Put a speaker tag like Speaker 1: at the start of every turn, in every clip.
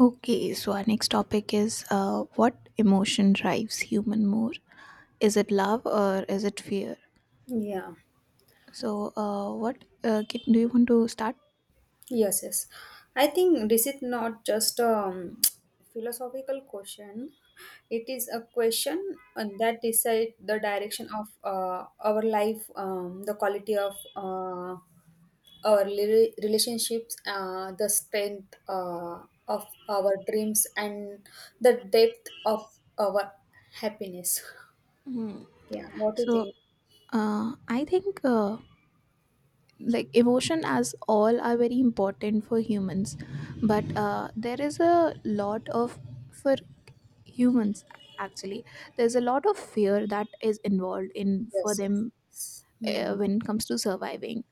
Speaker 1: Okay, so our next topic is what emotion drives human more? Is it love or is it fear?
Speaker 2: Yeah,
Speaker 1: So, what Kit, do you want to start?
Speaker 2: yes, yes. I think this is not just a philosophical question. It is a question that decide the direction of our life, the quality of our relationships, the strength of our dreams, and the depth of our happiness.
Speaker 1: Hmm.
Speaker 2: Yeah, what do you
Speaker 1: So,
Speaker 2: think?
Speaker 1: I think like emotion as all are very important for humans, but there is a lot of for humans actually. There's a lot of fear that is involved in for
Speaker 2: Yes,
Speaker 1: them
Speaker 2: yes. Mm-hmm.
Speaker 1: when it comes to surviving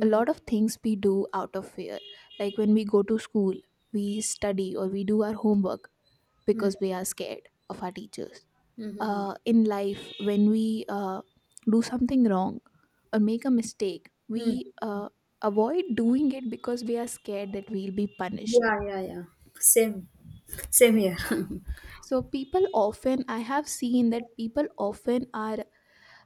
Speaker 1: a lot of things we do out of fear. Like when we go to school, we study or we do our homework because we are scared of our teachers.
Speaker 2: Mm-hmm.
Speaker 1: In life, when we do something wrong or make a mistake, we
Speaker 2: Mm-hmm.
Speaker 1: avoid doing it because we are scared that we'll be punished.
Speaker 2: Yeah, yeah, yeah. Same, same, here.
Speaker 1: So, people often, I have seen that people often are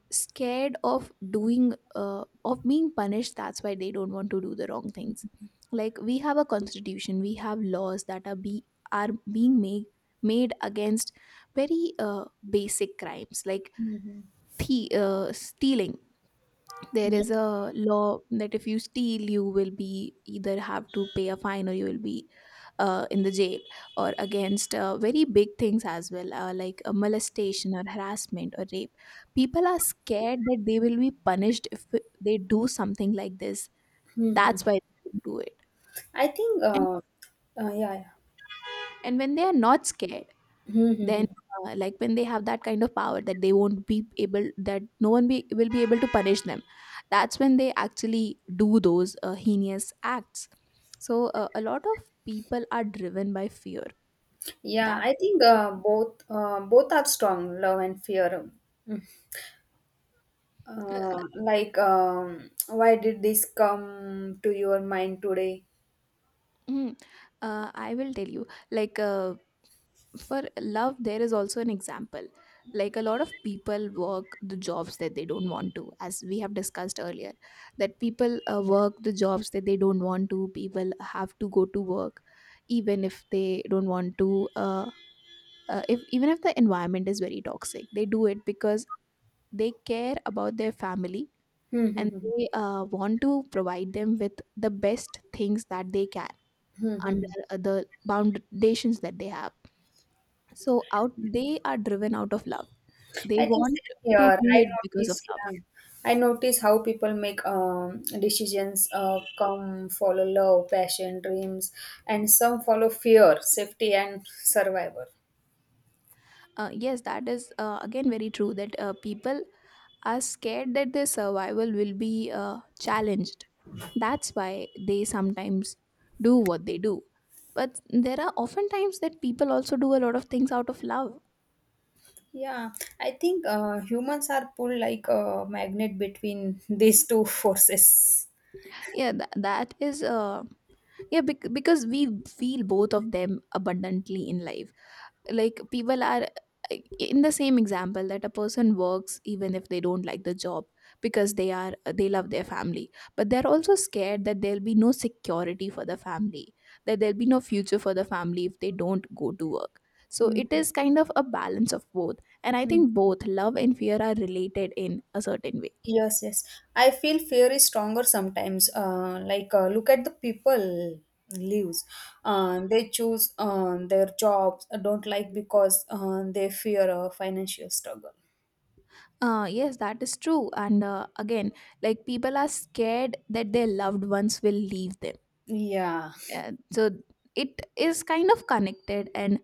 Speaker 1: scared of doing of being punished, that's why they don't want to do the wrong things. Like we have a constitution, we have laws that are being made against very basic crimes like
Speaker 2: Mhm.
Speaker 1: stealing. There
Speaker 2: Yeah.
Speaker 1: is a law that if you steal you will be either have to pay a fine or you will be in the jail, or against very big things as well, like molestation or harassment or rape. People are scared that they will be punished if they do something like this,
Speaker 2: Mhm.
Speaker 1: that's why they don't do it.
Speaker 2: I think.
Speaker 1: and
Speaker 2: Yeah, yeah.
Speaker 1: and when they are not scared, then
Speaker 2: Mm-hmm.
Speaker 1: like when they have that kind of power that they won't be able, that no one be will be able to punish them, that's when they actually do those heinous acts. So a lot of people are driven by fear.
Speaker 2: Yeah,
Speaker 1: that
Speaker 2: I think both are strong, love and fear. Mm.
Speaker 1: uh, th-
Speaker 2: Like, why did this come to your mind today?
Speaker 1: mm, I will tell you, like, for love there is also an example. Like a lot of people work the jobs that they don't want to, as we have discussed earlier, that people work the jobs that they don't want to. People have to go to work even if they don't want to, if even if the environment is very toxic they do it because they care about their family, and
Speaker 2: Mm-hmm.
Speaker 1: they want to provide them with the best things that they can under the foundations that they have. So out they are driven out of love, they
Speaker 2: I think
Speaker 1: want
Speaker 2: same
Speaker 1: to
Speaker 2: here.
Speaker 1: do
Speaker 2: I
Speaker 1: it because of
Speaker 2: notice,
Speaker 1: love.
Speaker 2: yeah, I notice how people make decisions. Come follow love, passion, dreams, and some follow fear, safety, and survival.
Speaker 1: Yes, that is, again, very true that people are scared that their survival will be challenged, that's why they sometimes do what they do. But there are often times that people also do a lot of things out of love.
Speaker 2: Yeah, I think humans are pulled like a magnet between these two forces.
Speaker 1: Yeah, that is yeah, because we feel both of them abundantly in life. Like people are, in the same example, that a person works even if they don't like the job because they love their family, but they're also scared that there'll be no security for the family, that there'll be no future for the family if they don't go to work. So it is kind of a balance of both, and I
Speaker 2: Mhm.
Speaker 1: think both love and fear are related in a certain way.
Speaker 2: Yes, yes. I feel fear is stronger sometimes. Like, look at the people lives. They choose their jobs, don't like because they fear a financial struggle.
Speaker 1: Yes, that is true, and again, like people are scared that their loved ones will leave them,
Speaker 2: Yeah.
Speaker 1: so it is kind of connected. And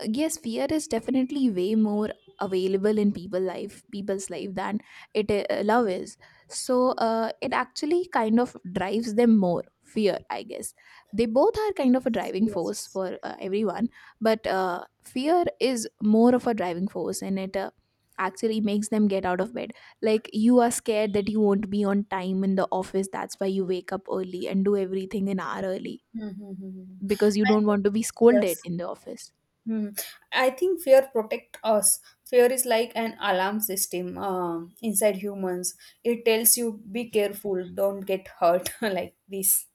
Speaker 1: yes, fear is definitely way more available in people life people's life than it love is. So it actually kind of drives them more, fear I guess. They both are kind of a driving
Speaker 2: Yes,
Speaker 1: force
Speaker 2: yes.
Speaker 1: for everyone, but fear is more of a driving force, and it actually makes them get out of bed. Like, you are scared that you won't be on time in the office, that's why you wake up early and do everything an hour early
Speaker 2: Mm-hmm.
Speaker 1: because you
Speaker 2: I
Speaker 1: don't
Speaker 2: think,
Speaker 1: want to be scolded
Speaker 2: yes.
Speaker 1: in the office.
Speaker 2: Hmm. I think fear protect us. Fear is like an alarm system inside humans. It tells you be careful, don't get hurt, like this.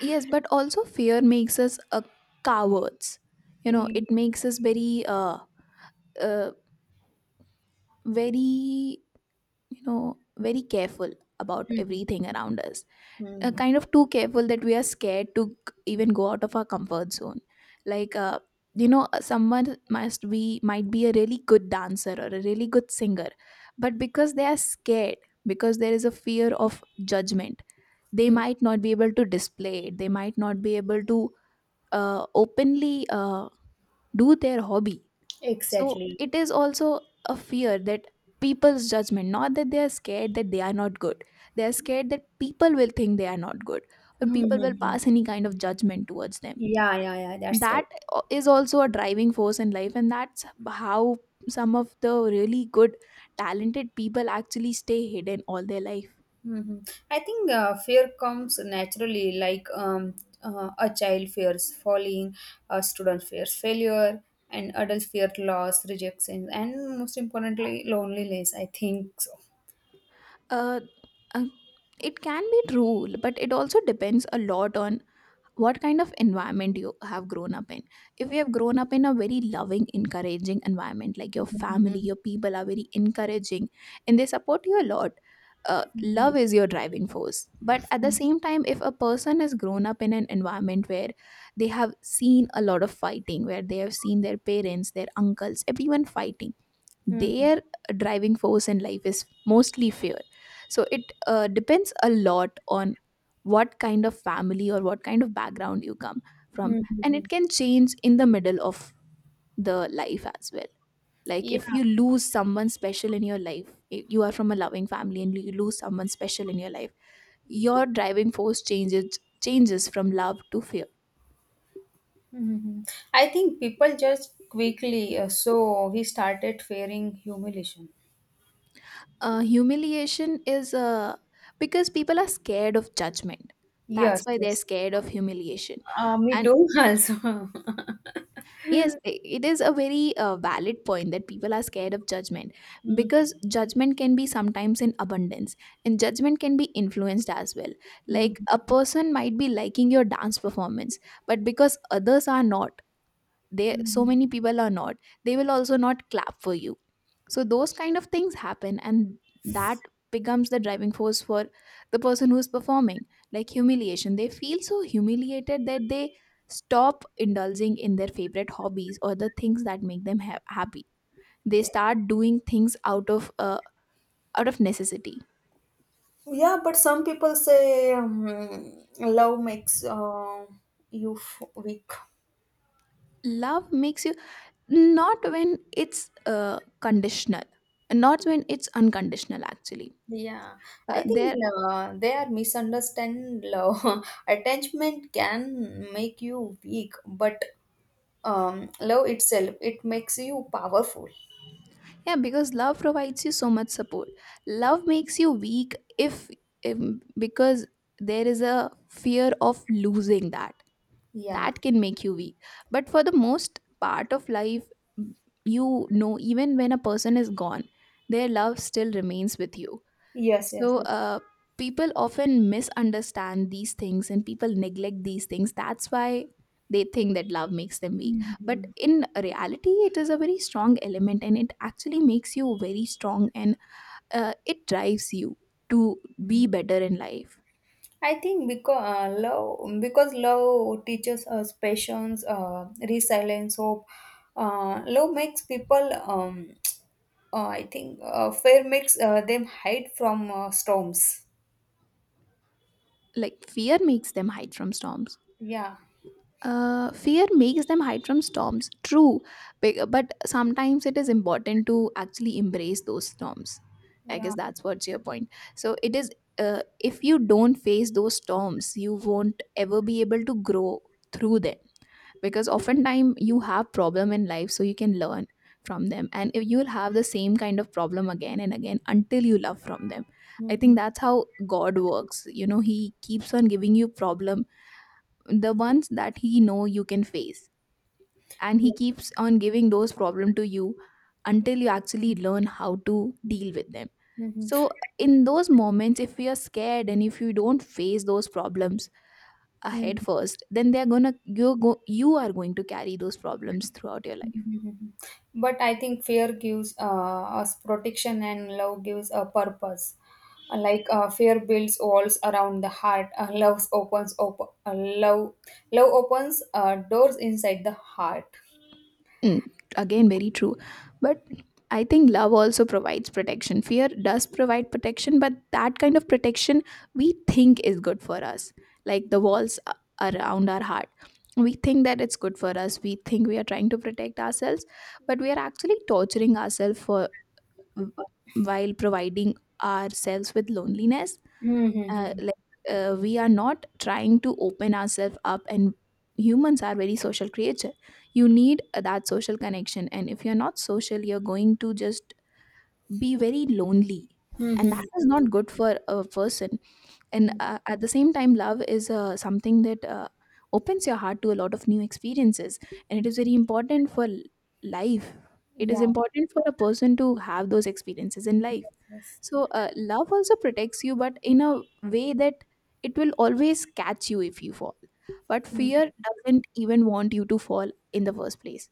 Speaker 1: Yes, but also fear makes us a cowards. You know,
Speaker 2: Mhm.
Speaker 1: it makes us very, uh, very, you know, very careful about everything around us.
Speaker 2: Mhm.
Speaker 1: Kind of too careful that we are scared to even go out of our comfort zone. Like, you know, someone must be might be a really good dancer or a really good singer, but because they are scared, because there is a fear of judgment, they
Speaker 2: Mm.
Speaker 1: might not be able to display it, they might not be able to openly do their hobby. So
Speaker 2: Exactly.
Speaker 1: it is also a fear that people's judgment, not that they are scared that they are not good, they are scared that people will think they are not good, or people will
Speaker 2: Mm-hmm.
Speaker 1: pass any kind of judgment towards them.
Speaker 2: Yeah, yeah, yeah, that's right.
Speaker 1: That is also a driving force in life, and that's how some of the really good talented people actually stay hidden all their life.
Speaker 2: Hmm. I think fear comes naturally, like a child fears falling, a student fears failure, and adult fear loss, rejection, and most importantly, loneliness. I think so.
Speaker 1: Uh, uh, it can be true, but it also depends a lot on what kind of environment you have grown up in. If you have grown up in a very loving, encouraging environment, like your family,
Speaker 2: Mm-hmm.
Speaker 1: your people are very encouraging and they support you a lot, love is your driving force. But at the same time, if a person has grown up in an environment where they have seen a lot of fighting, where they have seen their parents, their uncles, everyone fighting,
Speaker 2: Hmm.
Speaker 1: their driving force in life is mostly fear. So it depends a lot on what kind of family or what kind of background you come from, and
Speaker 2: Hmm.
Speaker 1: it can change in the middle of the life as well. Like if
Speaker 2: Yeah.
Speaker 1: you lose someone special in your life, you are from a loving family and you lose someone special in your life, your driving force changes from love to fear.
Speaker 2: Hmm. I think people just quickly, so he started fearing humiliation.
Speaker 1: Humiliation is, because people are scared of judgment, that's
Speaker 2: Yes,
Speaker 1: why they're
Speaker 2: yes.
Speaker 1: scared of humiliation.
Speaker 2: Me
Speaker 1: And
Speaker 2: too, also.
Speaker 1: yes, it is a very valid point that people are scared of judgment
Speaker 2: Mm,
Speaker 1: because judgment can be sometimes in abundance, and judgment can be influenced as well. Like a
Speaker 2: mm,
Speaker 1: person might be liking your dance performance, but because others are not, they, so
Speaker 2: mm.
Speaker 1: many people are not, they will also not clap for you. So those kind of things happen, and that becomes the driving force for the person who's performing. Like humiliation, they feel so humiliated that they stop indulging in their favorite hobbies or the things that make them happy. They start doing things out of necessity.
Speaker 2: Yeah, but some people say love makes you weak.
Speaker 1: Love makes you, not when it's conditional, not when it's unconditional actually.
Speaker 2: Yeah, I think
Speaker 1: There
Speaker 2: they are misunderstand love. Attachment can make you weak, but love itself, it makes you powerful.
Speaker 1: Yeah, because love provides you so much support. Love makes you weak if, because there is a fear of losing that.
Speaker 2: Yeah.
Speaker 1: That can make you weak. But for the most part of life, you know, even when a person is gone, their love still remains with you.
Speaker 2: Yes, yes,
Speaker 1: So,
Speaker 2: yes.
Speaker 1: people often misunderstand these things, and people neglect these things. That's why they think that love makes them weak. But
Speaker 2: Mhm.
Speaker 1: in reality, it is a very strong element, and it actually makes you very strong, and it drives you to be better in life.
Speaker 2: I think because love teaches us patience, resilience, hope. Love makes people. I think fear makes them hide from storms.
Speaker 1: Like, fear makes them hide from storms.
Speaker 2: Yeah,
Speaker 1: Fear makes them hide from storms. True, but sometimes it is important to actually embrace those storms. I guess
Speaker 2: yeah,
Speaker 1: that's what's your point. So it is. If you don't face those storms, you won't ever be able to grow through them, because oftentimes you have problem in life, so you can learn from them, and if you'll have the same kind of problem again and again until you love from them. I
Speaker 2: mm-hmm.
Speaker 1: think that's how God works. You know, He keeps on giving you problem, the ones that he know you can face, and
Speaker 2: Yeah.
Speaker 1: he keeps on giving those problem to you until you actually learn how to deal with them.
Speaker 2: Mm-hmm.
Speaker 1: So in those moments, if you're scared and if you don't face those problems ahead
Speaker 2: Mm-hmm.
Speaker 1: first, then they're gonna you go you are going to carry those problems throughout your life.
Speaker 2: Mhm. But I think fear gives us protection and love gives a purpose. Like fear builds walls around the heart, love opens doors inside the heart.
Speaker 1: Mm, again, very true. But I think love also provides protection. Fear does provide protection, but that kind of protection we think is good for us, like the walls around our heart. We think that it's good for us. We think we are trying to protect ourselves, but we are actually torturing ourselves for while providing ourselves with loneliness,
Speaker 2: Mm-hmm.
Speaker 1: like we are not trying to open ourselves up, and humans are very social creature. You need that social connection, and if you're not social you're going to just be very lonely, and that
Speaker 2: Mm-hmm.
Speaker 1: is not good for a person. And at the same time love is something that opens your heart to a lot of new experiences, and it is very important for life. It is
Speaker 2: Yeah.
Speaker 1: important for a person to have those experiences in life.
Speaker 2: Yes.
Speaker 1: So love also protects you, but in a way that it will always catch you if you fall, but fear doesn't even want you to fall in the first place.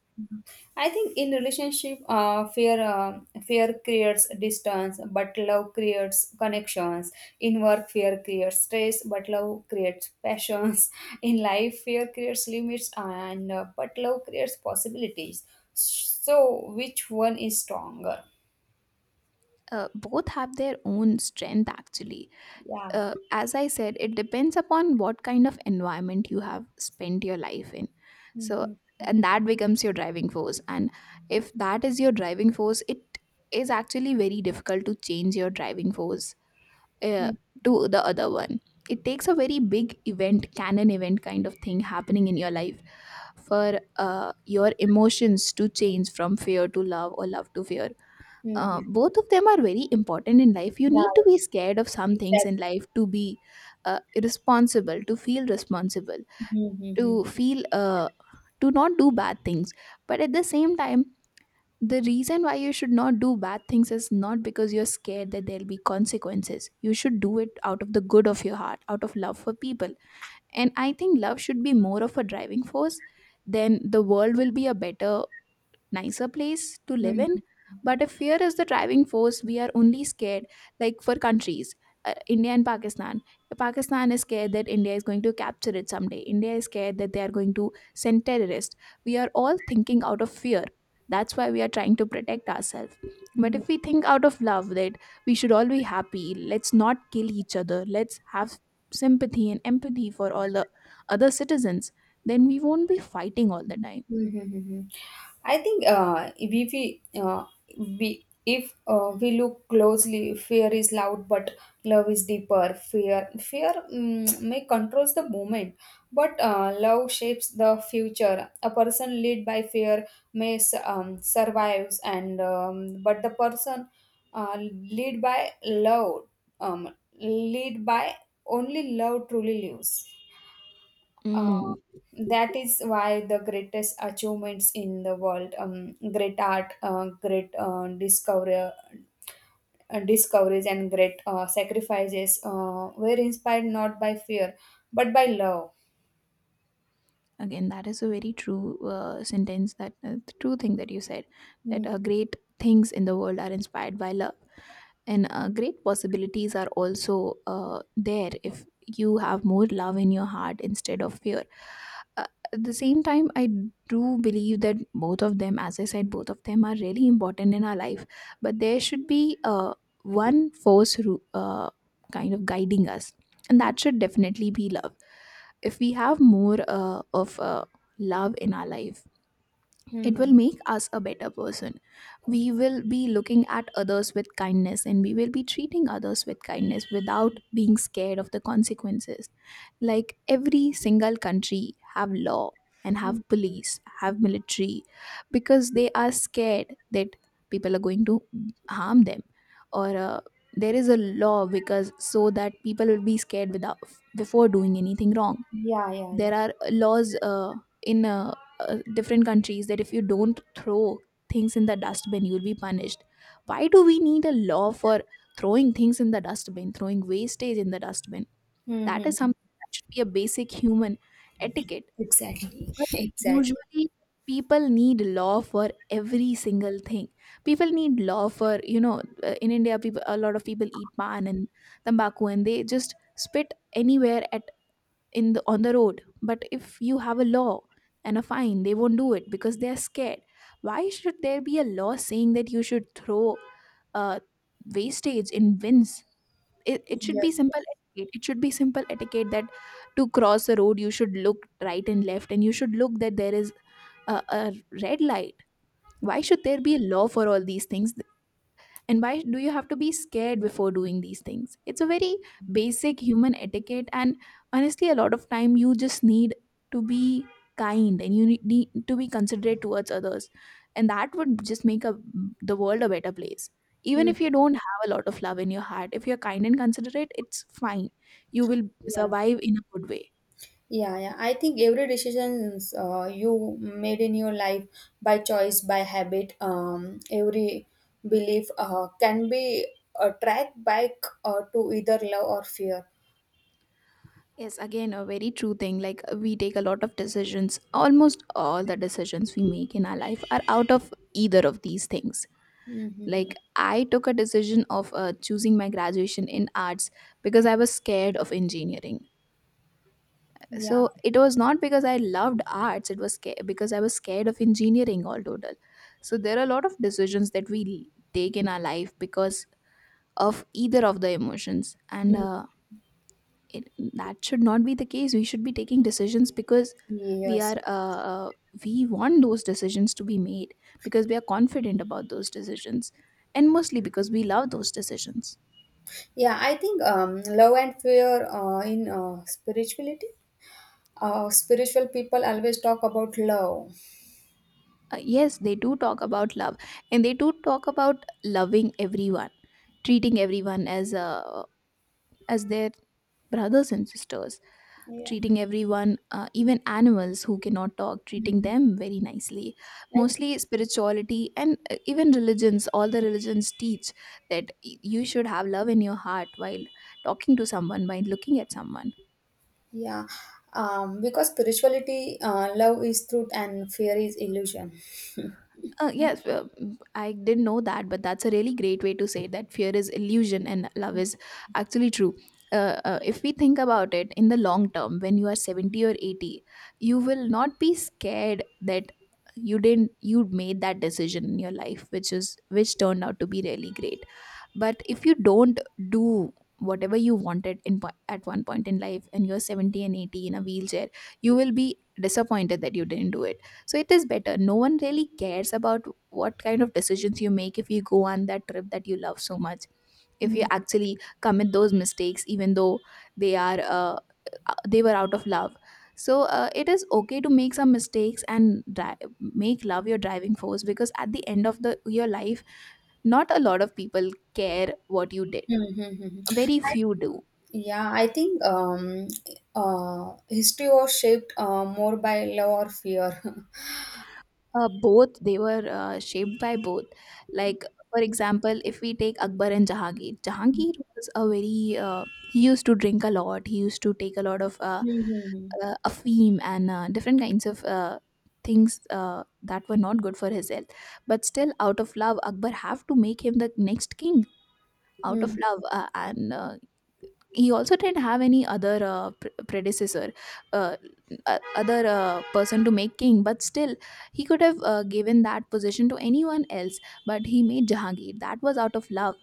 Speaker 2: I think in relationship, fear creates distance, but love creates connections. In work, fear creates stress, but love creates passions. In life, fear creates limits, and but love creates possibilities. So, which one is stronger?
Speaker 1: Both have their own strength actually.
Speaker 2: Yeah.
Speaker 1: As I said, it depends upon what kind of environment you have spent your life in. So,
Speaker 2: Mm-hmm.
Speaker 1: and that becomes your driving force. And if that is your driving force, it is actually very difficult to change your driving force uh, to the other one. It takes a very big event, canon event kind of thing happening in your life for your emotions to change from fear to love or love to fear.
Speaker 2: Mm-hmm.
Speaker 1: Both of them are very important in life. You
Speaker 2: Yeah.
Speaker 1: need to be scared of some things
Speaker 2: Exactly.
Speaker 1: in life to be responsible, to feel to not do bad things. But at the same time, the reason why you should not do bad things is not because you're scared that there'll be consequences. You should do it out of the good of your heart, out of love for people. And I think love should be more of a driving force. Then the world will be a better nicer place to live
Speaker 2: Mm-hmm.
Speaker 1: in. But if fear is the driving force, we are only scared, like for countries, India and Pakistan. Pakistan is scared that India is going to capture it someday. India is scared that they are going to send terrorists. We are all thinking out of fear. That's why we are trying to protect ourselves. But if we think out of love, that we should all be happy, let's not kill each other, let's have sympathy and empathy for all the other citizens, then we won't be fighting all the time.
Speaker 2: Mm-hmm. I think if we look closely, fear is loud, but love is deeper. Fear mm, may controls the moment, but love shapes the future. A person led by fear may survives, and but the person uh, lead by love lead by only love truly lives. Uh,
Speaker 1: Mm,
Speaker 2: that is why the greatest achievements in the world, great art, great discoveries, and great sacrifices were inspired not by fear but by love.
Speaker 1: again, that is a very true sentence. That the true thing that you said, that
Speaker 2: Mhm.
Speaker 1: great things in the world are inspired by love. And great possibilities are also there if you have more love in your heart instead of fear. uh, at the same time, I do believe that both of them, as I said, both of them are really important in our life. But there should be one force kind of guiding us, and
Speaker 2: Mhm.
Speaker 1: that should definitely be love. If we have more of love in our life, it will
Speaker 2: Mhm.
Speaker 1: make us a better person. We will be looking at others with kindness, and we will be treating others with kindness without being scared of the consequences. Like every single country have law, and
Speaker 2: Mhm.
Speaker 1: have police, have military, because they are scared that people are going to harm them, or there is a law because so that people will be scared without before doing anything wrong.
Speaker 2: Yeah, yeah, yeah.
Speaker 1: There are laws in different countries that if you don't throw things in the dustbin you'll be punished. Why do we need a law for throwing things in the dustbin, throwing wastage in the dustbin? That
Speaker 2: Mm-hmm.
Speaker 1: is something that should be a basic human etiquette.
Speaker 2: Exactly.
Speaker 1: But
Speaker 2: Exactly.
Speaker 1: usually people need law for every single thing. People need law for, you know, in India people, a lot of people eat pan and tobacco, and they just spit anywhere at, in the, on the road, but if you have a law and a fine they won't do it because they are scared. Why should there be a law saying that you should throw uh, wastage in bins? It should be
Speaker 2: Yes,
Speaker 1: simple
Speaker 2: yes.
Speaker 1: etiquette. It should be simple etiquette that to cross the road you should look right and left and you should look that there is a red light. Why should there be a law for all these things, and why do you have to be scared before doing these things? It's a very basic human etiquette. And honestly, a lot of time you just need to be kind, and you need to be considerate towards others. And that would just make the world a better place. Even
Speaker 2: Mm.
Speaker 1: if you don't have a lot of love in your heart, if you're kind and considerate, it's fine. You will
Speaker 2: Yeah.
Speaker 1: survive in a good way.
Speaker 2: Yeah, yeah. I think every decisions you made in your life by choice, by habit, every belief can be tracked back to either love or fear.
Speaker 1: Yes, again, a very true thing. Like, we take a lot of decisions. Almost all the decisions we make in our life are out of either of these things. Like,
Speaker 2: Mm-hmm.
Speaker 1: I took a decision of choosing my graduation in arts because I was scared of engineering.
Speaker 2: Yeah.
Speaker 1: So it was not because I loved arts, it was because I was scared of engineering, all total. So there are a lot of decisions that we take in our life because of either of the emotions. And
Speaker 2: Mm.
Speaker 1: it, that should not be the case. We should be taking decisions because we
Speaker 2: Yes.
Speaker 1: are we want those decisions to be made because we are confident about those decisions, and mostly because we love those decisions.
Speaker 2: Yeah, I think love and fear in spirituality. Spiritual people always talk about love.
Speaker 1: Yes, they do talk about love, and they do talk about loving everyone, treating everyone as their brothers and sisters,
Speaker 2: Yeah.
Speaker 1: treating everyone, even animals who cannot talk, treating
Speaker 2: Mhm.
Speaker 1: them very nicely.
Speaker 2: I.
Speaker 1: Mostly spirituality and even religions, all the religions teach that you should have love in your heart while talking to someone, by looking at someone.
Speaker 2: Yeah, because spirituality, love is truth, and fear is illusion.
Speaker 1: Yes, mm, I didn't know that, but that's a really great way to say that fear is illusion and love is actually true. If we think about it in the long term, when you are 70 or 80, you will not be scared that you didn't you made that decision in your life which is which turned out to be really great. But if you don't do whatever you wanted in at one point in life and you're 70 and 80 in a wheelchair, you will be disappointed that you didn't do it. So it is better, no one really cares about what kind of decisions you make, if you go on that trip that you love so much, if you
Speaker 2: Mhm,
Speaker 1: actually commit those mistakes even though they are they were out of love. So it is okay to make some mistakes and make love your driving force, because at the end of the your life not a lot of people care what you did.
Speaker 2: mhm, mhm.
Speaker 1: Very few do.
Speaker 2: Yeah, I think history was shaped more by love or fear.
Speaker 1: Both, they were shaped by both. Like, for example, if we take Akbar and Jahangir,
Speaker 2: Mhm,
Speaker 1: Jahangir was a very he used to drink a lot. He used to take a lot of
Speaker 2: mhm.
Speaker 1: afim and different kinds of things that were not good for his health. But still, out of love, Akbar have to make him the next king. Out of
Speaker 2: Mm.
Speaker 1: love, and he also didn't have any other predecessor, uh, other person to make king, but still, he could have given that position to anyone else. But he made Jahangir. That was out of love.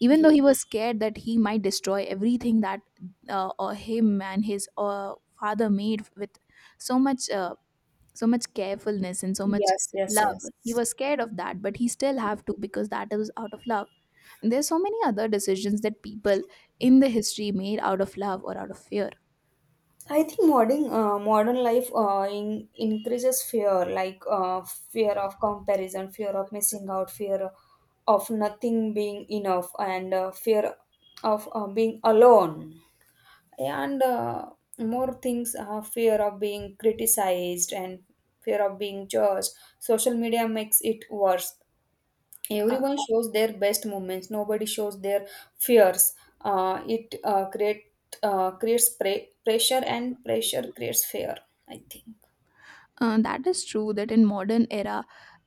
Speaker 1: Even though
Speaker 2: Ye-.
Speaker 1: he was scared that he might destroy everything that him and his father made with so much, so much carefulness and so much
Speaker 2: Yes, yes,
Speaker 1: love.
Speaker 2: yes.
Speaker 1: He was scared of that, but he still have to, because that is out of love. And there's so many other decisions that people in the history made out of love or out of fear.
Speaker 2: I think modern life increases fear, like fear of comparison, fear of missing out, fear of nothing being enough, and fear of being alone, and more things. Fear of being criticized and fear of being judged. Social media makes it worse.
Speaker 1: uh,
Speaker 2: Everyone shows their best moments, nobody shows their fears. It creates pressure, and pressure creates fear, I think.
Speaker 1: that is true that in modern era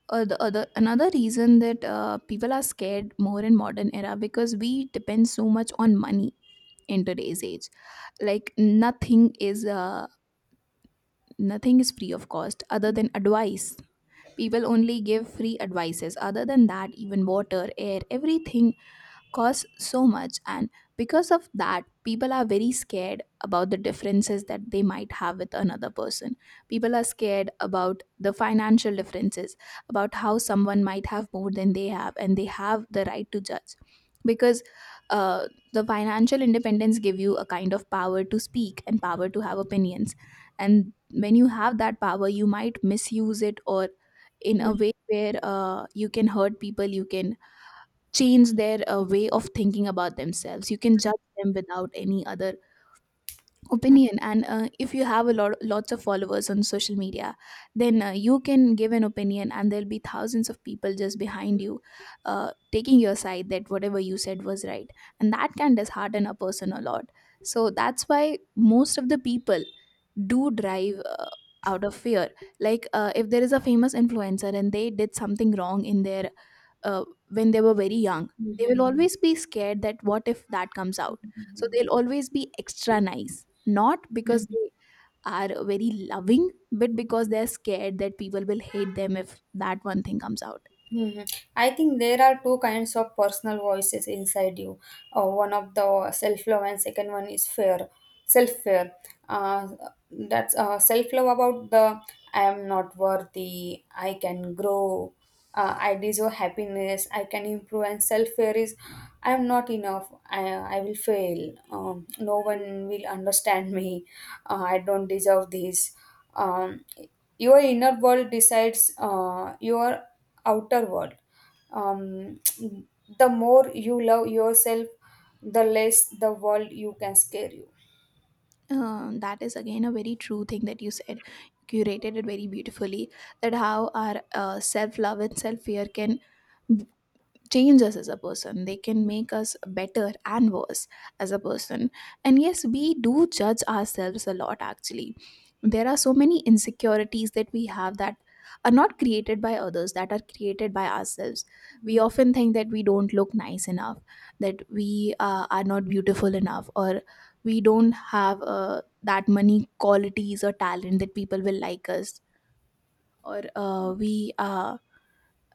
Speaker 1: the other, another reason that people are scared more in modern era, because we depend so much on money in today's age. Like, nothing is nothing is free of cost other than advice. People only give free advices, other than that even water, air, everything costs so much. And because of that people are very scared about the differences that they might have with another person. People are scared about the financial differences, about how someone might have more than they have and they have the right to judge. Because uh, the financial independence give you a kind of power to speak and power to have opinions, and when you have that power you might misuse it, or in a way where you can hurt people, you can change their way of thinking about themselves. You can judge them without any other opinion, and if you have a lot lots of followers on social media, then you can give an opinion and there'll be thousands of people just behind you taking your side, that whatever you said was right, and that can dishearten a person a lot. So that's why most of the people do drive out of fear. Like if there is a famous influencer and they did something wrong in their uh, when they were very young, they will
Speaker 2: Mhm.
Speaker 1: always be scared that what if that comes out. So they'll always be extra nice, not because
Speaker 2: Mhm.
Speaker 1: they are very loving, but because they're scared that people will hate them if that one thing comes out.
Speaker 2: Mhm. I think there are two kinds of personal voices inside you. One of the self-love and second one is fear, self-fear. Uh, that's self-love about the I am not worthy, I can grow, I deserve happiness, I can improve. And self-fear is I am not enough, I will fail, no one will understand me, I don't deserve this. Um, your inner world decides your outer world. Um, the more you love yourself, the less the world you can scare you.
Speaker 1: That is again a very true thing that you said. You curated it very beautifully, that how our self-love and self-fear can change us as a person, they can make us better and worse as a person. And yes, we do judge ourselves a lot, actually. There are so many insecurities that we have that are not created by others, that are created by ourselves. We
Speaker 2: Mhm.
Speaker 1: often think that we don't look nice enough, that we are not beautiful enough, or we don't have that many qualities or talent that people will like us, or we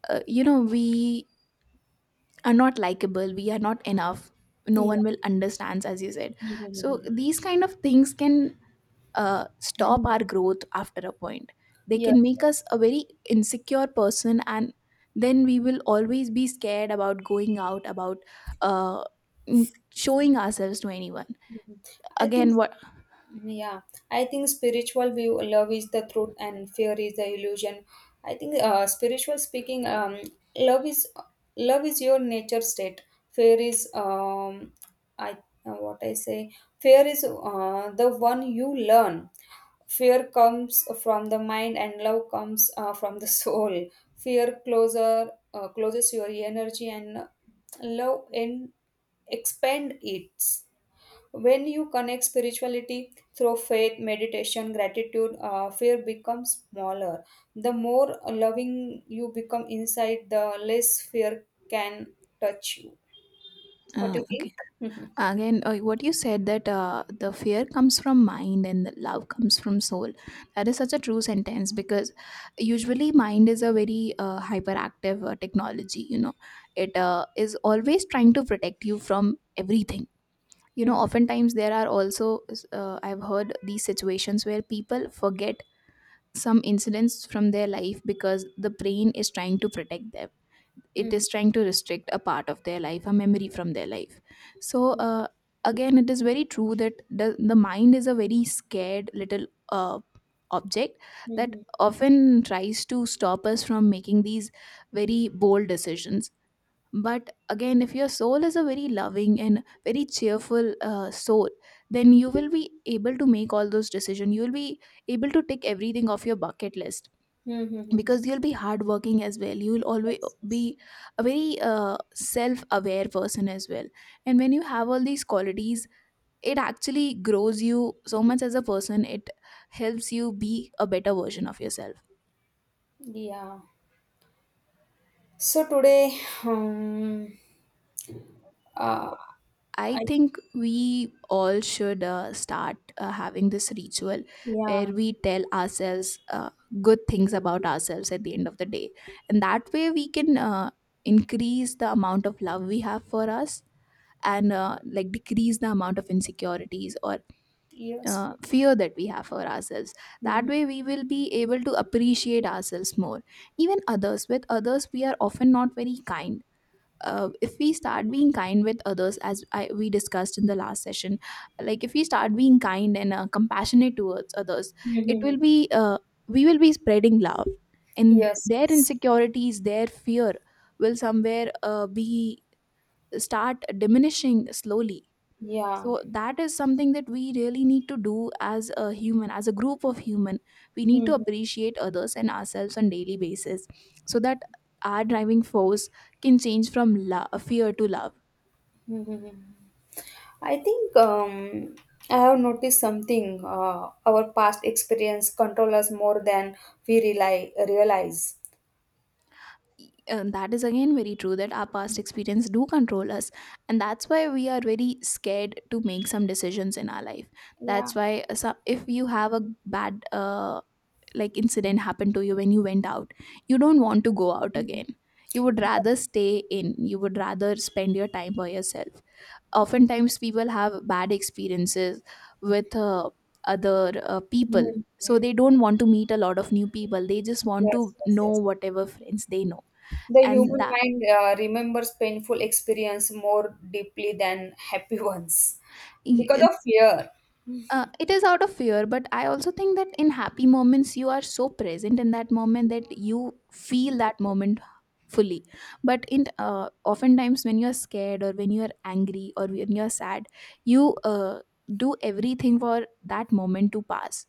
Speaker 1: you know we are not likable, we are not enough, no
Speaker 2: Yeah.
Speaker 1: one will understands, as you said. So
Speaker 2: Mhm.
Speaker 1: these kind of things can stop
Speaker 2: Mhm.
Speaker 1: our growth after a point. They
Speaker 2: Yes,
Speaker 1: can make us a
Speaker 2: yes.
Speaker 1: very insecure person, and then we will always be scared about going out, about uh, showing ourselves to anyone.
Speaker 2: Mhm. I think,
Speaker 1: Again, what
Speaker 2: yeah, I think spiritual view, love is the truth and fear is the illusion. I think, spiritual speaking, love is love is your nature state. Fear is, I what I say. Fear is the one you learn. Fear comes from the mind, and love comes from the soul. Fear closer closes your energy, and love in expand it. When you connect spirituality through faith, meditation, gratitude, fear becomes smaller. The more loving you become inside, the less fear can touch you. What do you think?
Speaker 1: okay.
Speaker 2: Mhm.
Speaker 1: Again, what you said, that the fear comes from mind and the love comes from soul. That is such a true sentence, because usually mind is a very hyperactive technology. You know, it is always trying to protect you from everything. You know,
Speaker 2: Mhm.
Speaker 1: oftentimes there are also I've heard these situations where people forget some incidents from their life because the brain is trying to protect them. It
Speaker 2: Mhm.
Speaker 1: is trying to restrict a part of their life, a memory from their life. So again, it is very true that the mind is a very scared little object that
Speaker 2: Mhm.
Speaker 1: often tries to stop us from making these very bold decisions. But again, if your soul is a very loving and very cheerful soul, then you will be able to make all those decisions, you will be able to tick everything off your bucket list,
Speaker 2: Mhm. Mhm.
Speaker 1: because you'll be hardworking as well, you'll always
Speaker 2: Yes, yes.
Speaker 1: be a very self-aware person as well. And when you have all these qualities, it actually grows you so much as a person, it helps you be a better version of yourself.
Speaker 2: Yeah. So today, um, uh,
Speaker 1: I
Speaker 2: I
Speaker 1: think we all should start having this ritual
Speaker 2: yeah,
Speaker 1: where we tell ourselves uh, good things about ourselves at the end of the day, and that way we can increase the amount of love we have for us, and like decrease the amount of insecurities or
Speaker 2: yes,
Speaker 1: fear that we have for ourselves. That
Speaker 2: mhm.
Speaker 1: way we will be able to appreciate ourselves more. Even others, with others we are often not very kind. If we start being kind with others, as I, we discussed in the last session, like if we start being kind and compassionate towards others, it will
Speaker 2: Mhm.
Speaker 1: be we will be spreading love, and
Speaker 2: Yes,
Speaker 1: their insecurities, their fear will somewhere be start diminishing slowly.
Speaker 2: yeah.
Speaker 1: So that is something that we really need to do, as a human, as a group of human. We need to
Speaker 2: Mhm.
Speaker 1: appreciate others and ourselves on daily basis, so that our driving force can change from fear to love.
Speaker 2: Mhm. I think I have noticed something. Our past experience control us more than we rely realize.
Speaker 1: And that is again very true, that our past experience do control us, and that's why we are very scared to make some decisions in our life.
Speaker 2: Yeah.
Speaker 1: That's why if you have a bad like incident happened to you when you went out, you don't want to go out
Speaker 2: Mhm.
Speaker 1: again, you would rather stay in, you would rather spend your time by yourself. Oftentimes people have bad experiences with other people, so
Speaker 2: Mhm.
Speaker 1: they don't want to meet a lot of new people, they just want to
Speaker 2: Yes, yes,
Speaker 1: know
Speaker 2: yes.
Speaker 1: whatever friends they know.
Speaker 2: The
Speaker 1: And
Speaker 2: human mind remembers painful experience more deeply than happy ones, because
Speaker 1: that
Speaker 2: of fear.
Speaker 1: It is out of fear, but I also think that in happy moments, you are so present in that moment that you feel that moment fully. But in oftentimes when you are scared or when you are angry or when you are sad, you do everything for that moment to pass.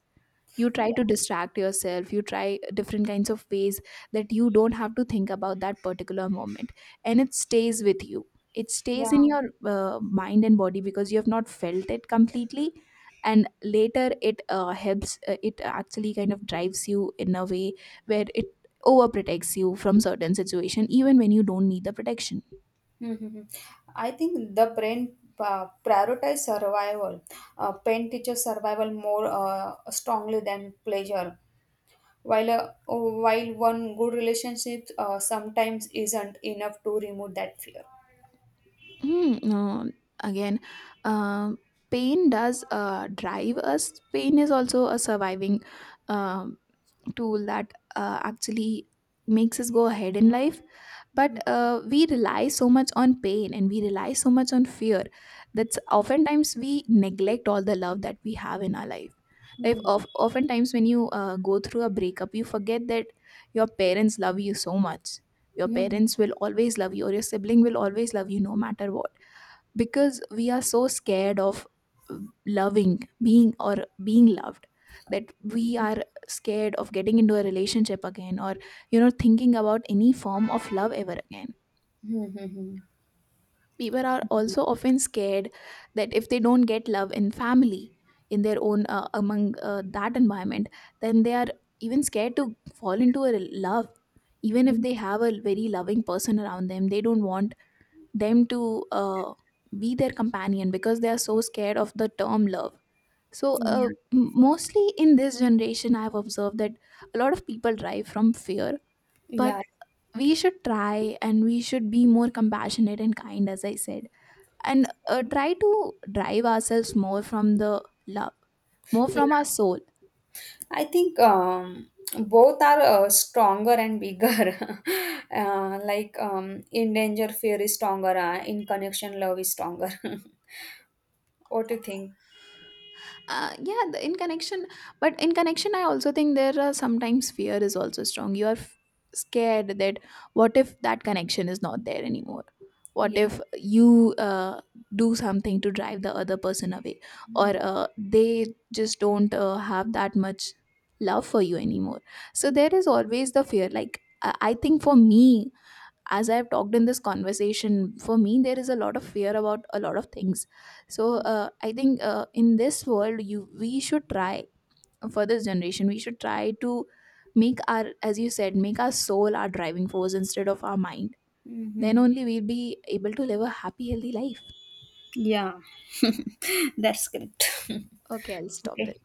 Speaker 1: You try to distract yourself, you try different kinds of ways that you don't have to think about that particular moment, and it stays with you. It
Speaker 2: Yeah.
Speaker 1: stays in your mind and body because you have not felt it completely, and later it helps it actually kind of drives you in a way where it overprotects you from certain situation, even when you don't need the protection.
Speaker 2: Hmm. I think the brain prioritize survival. Pain teaches survival more strongly than pleasure. While while one good relationship sometimes isn't enough to remove that fear.
Speaker 1: Hmm, no, again, um pain does drive us, pain is also a surviving um tool that actually makes us go ahead in life. But we rely so much on pain and we rely so much on fear, that oftentimes we neglect all the love that we have in our life. Like
Speaker 2: Mm-hmm.
Speaker 1: oftentimes when you go through a breakup, you forget that your parents love you so much. Your parents will always love you, or your sibling will always love you no matter what, because we are so scared of uh, loving, being or being loved, that we are scared of getting into a relationship again, or you know, thinking about any form of love ever again.
Speaker 2: Mm-hmm.
Speaker 1: People are also often scared that if they don't get love in family, in their own among that environment, then they are even scared to fall into a love. Even if they have a very loving person around them, they don't want them to be their companion, because they are so scared of the term love. So mostly in this generation I've observed that a lot of people drive from fear.
Speaker 2: Yeah.
Speaker 1: But we should try, and we should be more compassionate and kind, as I said, and try to drive ourselves more from the love, more
Speaker 2: Yeah.
Speaker 1: from our soul.
Speaker 2: I think both are stronger and bigger. Uh, like in danger, fear is stronger. In connection, love is stronger. What do you think?
Speaker 1: Yeah, in connection. But in connection I also think there are sometimes fear is also strong. You are scared that what if that connection is not there anymore, what
Speaker 2: Yeah.
Speaker 1: if you do something to drive the other person away, or
Speaker 2: Mm,
Speaker 1: they just don't have that much love for you anymore. So there is always the fear. Like I think for me, as I've talked in this conversation, for me there is a lot of fear about a lot of things. So
Speaker 2: mm,
Speaker 1: I think in this world, you we should try, for this generation we should try to make our, as you said, make our soul our driving force instead of our mind.
Speaker 2: mm,
Speaker 1: Then
Speaker 2: mm.
Speaker 1: only we'll be able to live a happy healthy life.
Speaker 2: Yeah, that's great.
Speaker 1: Okay, I'll stop
Speaker 2: Okay.
Speaker 1: there.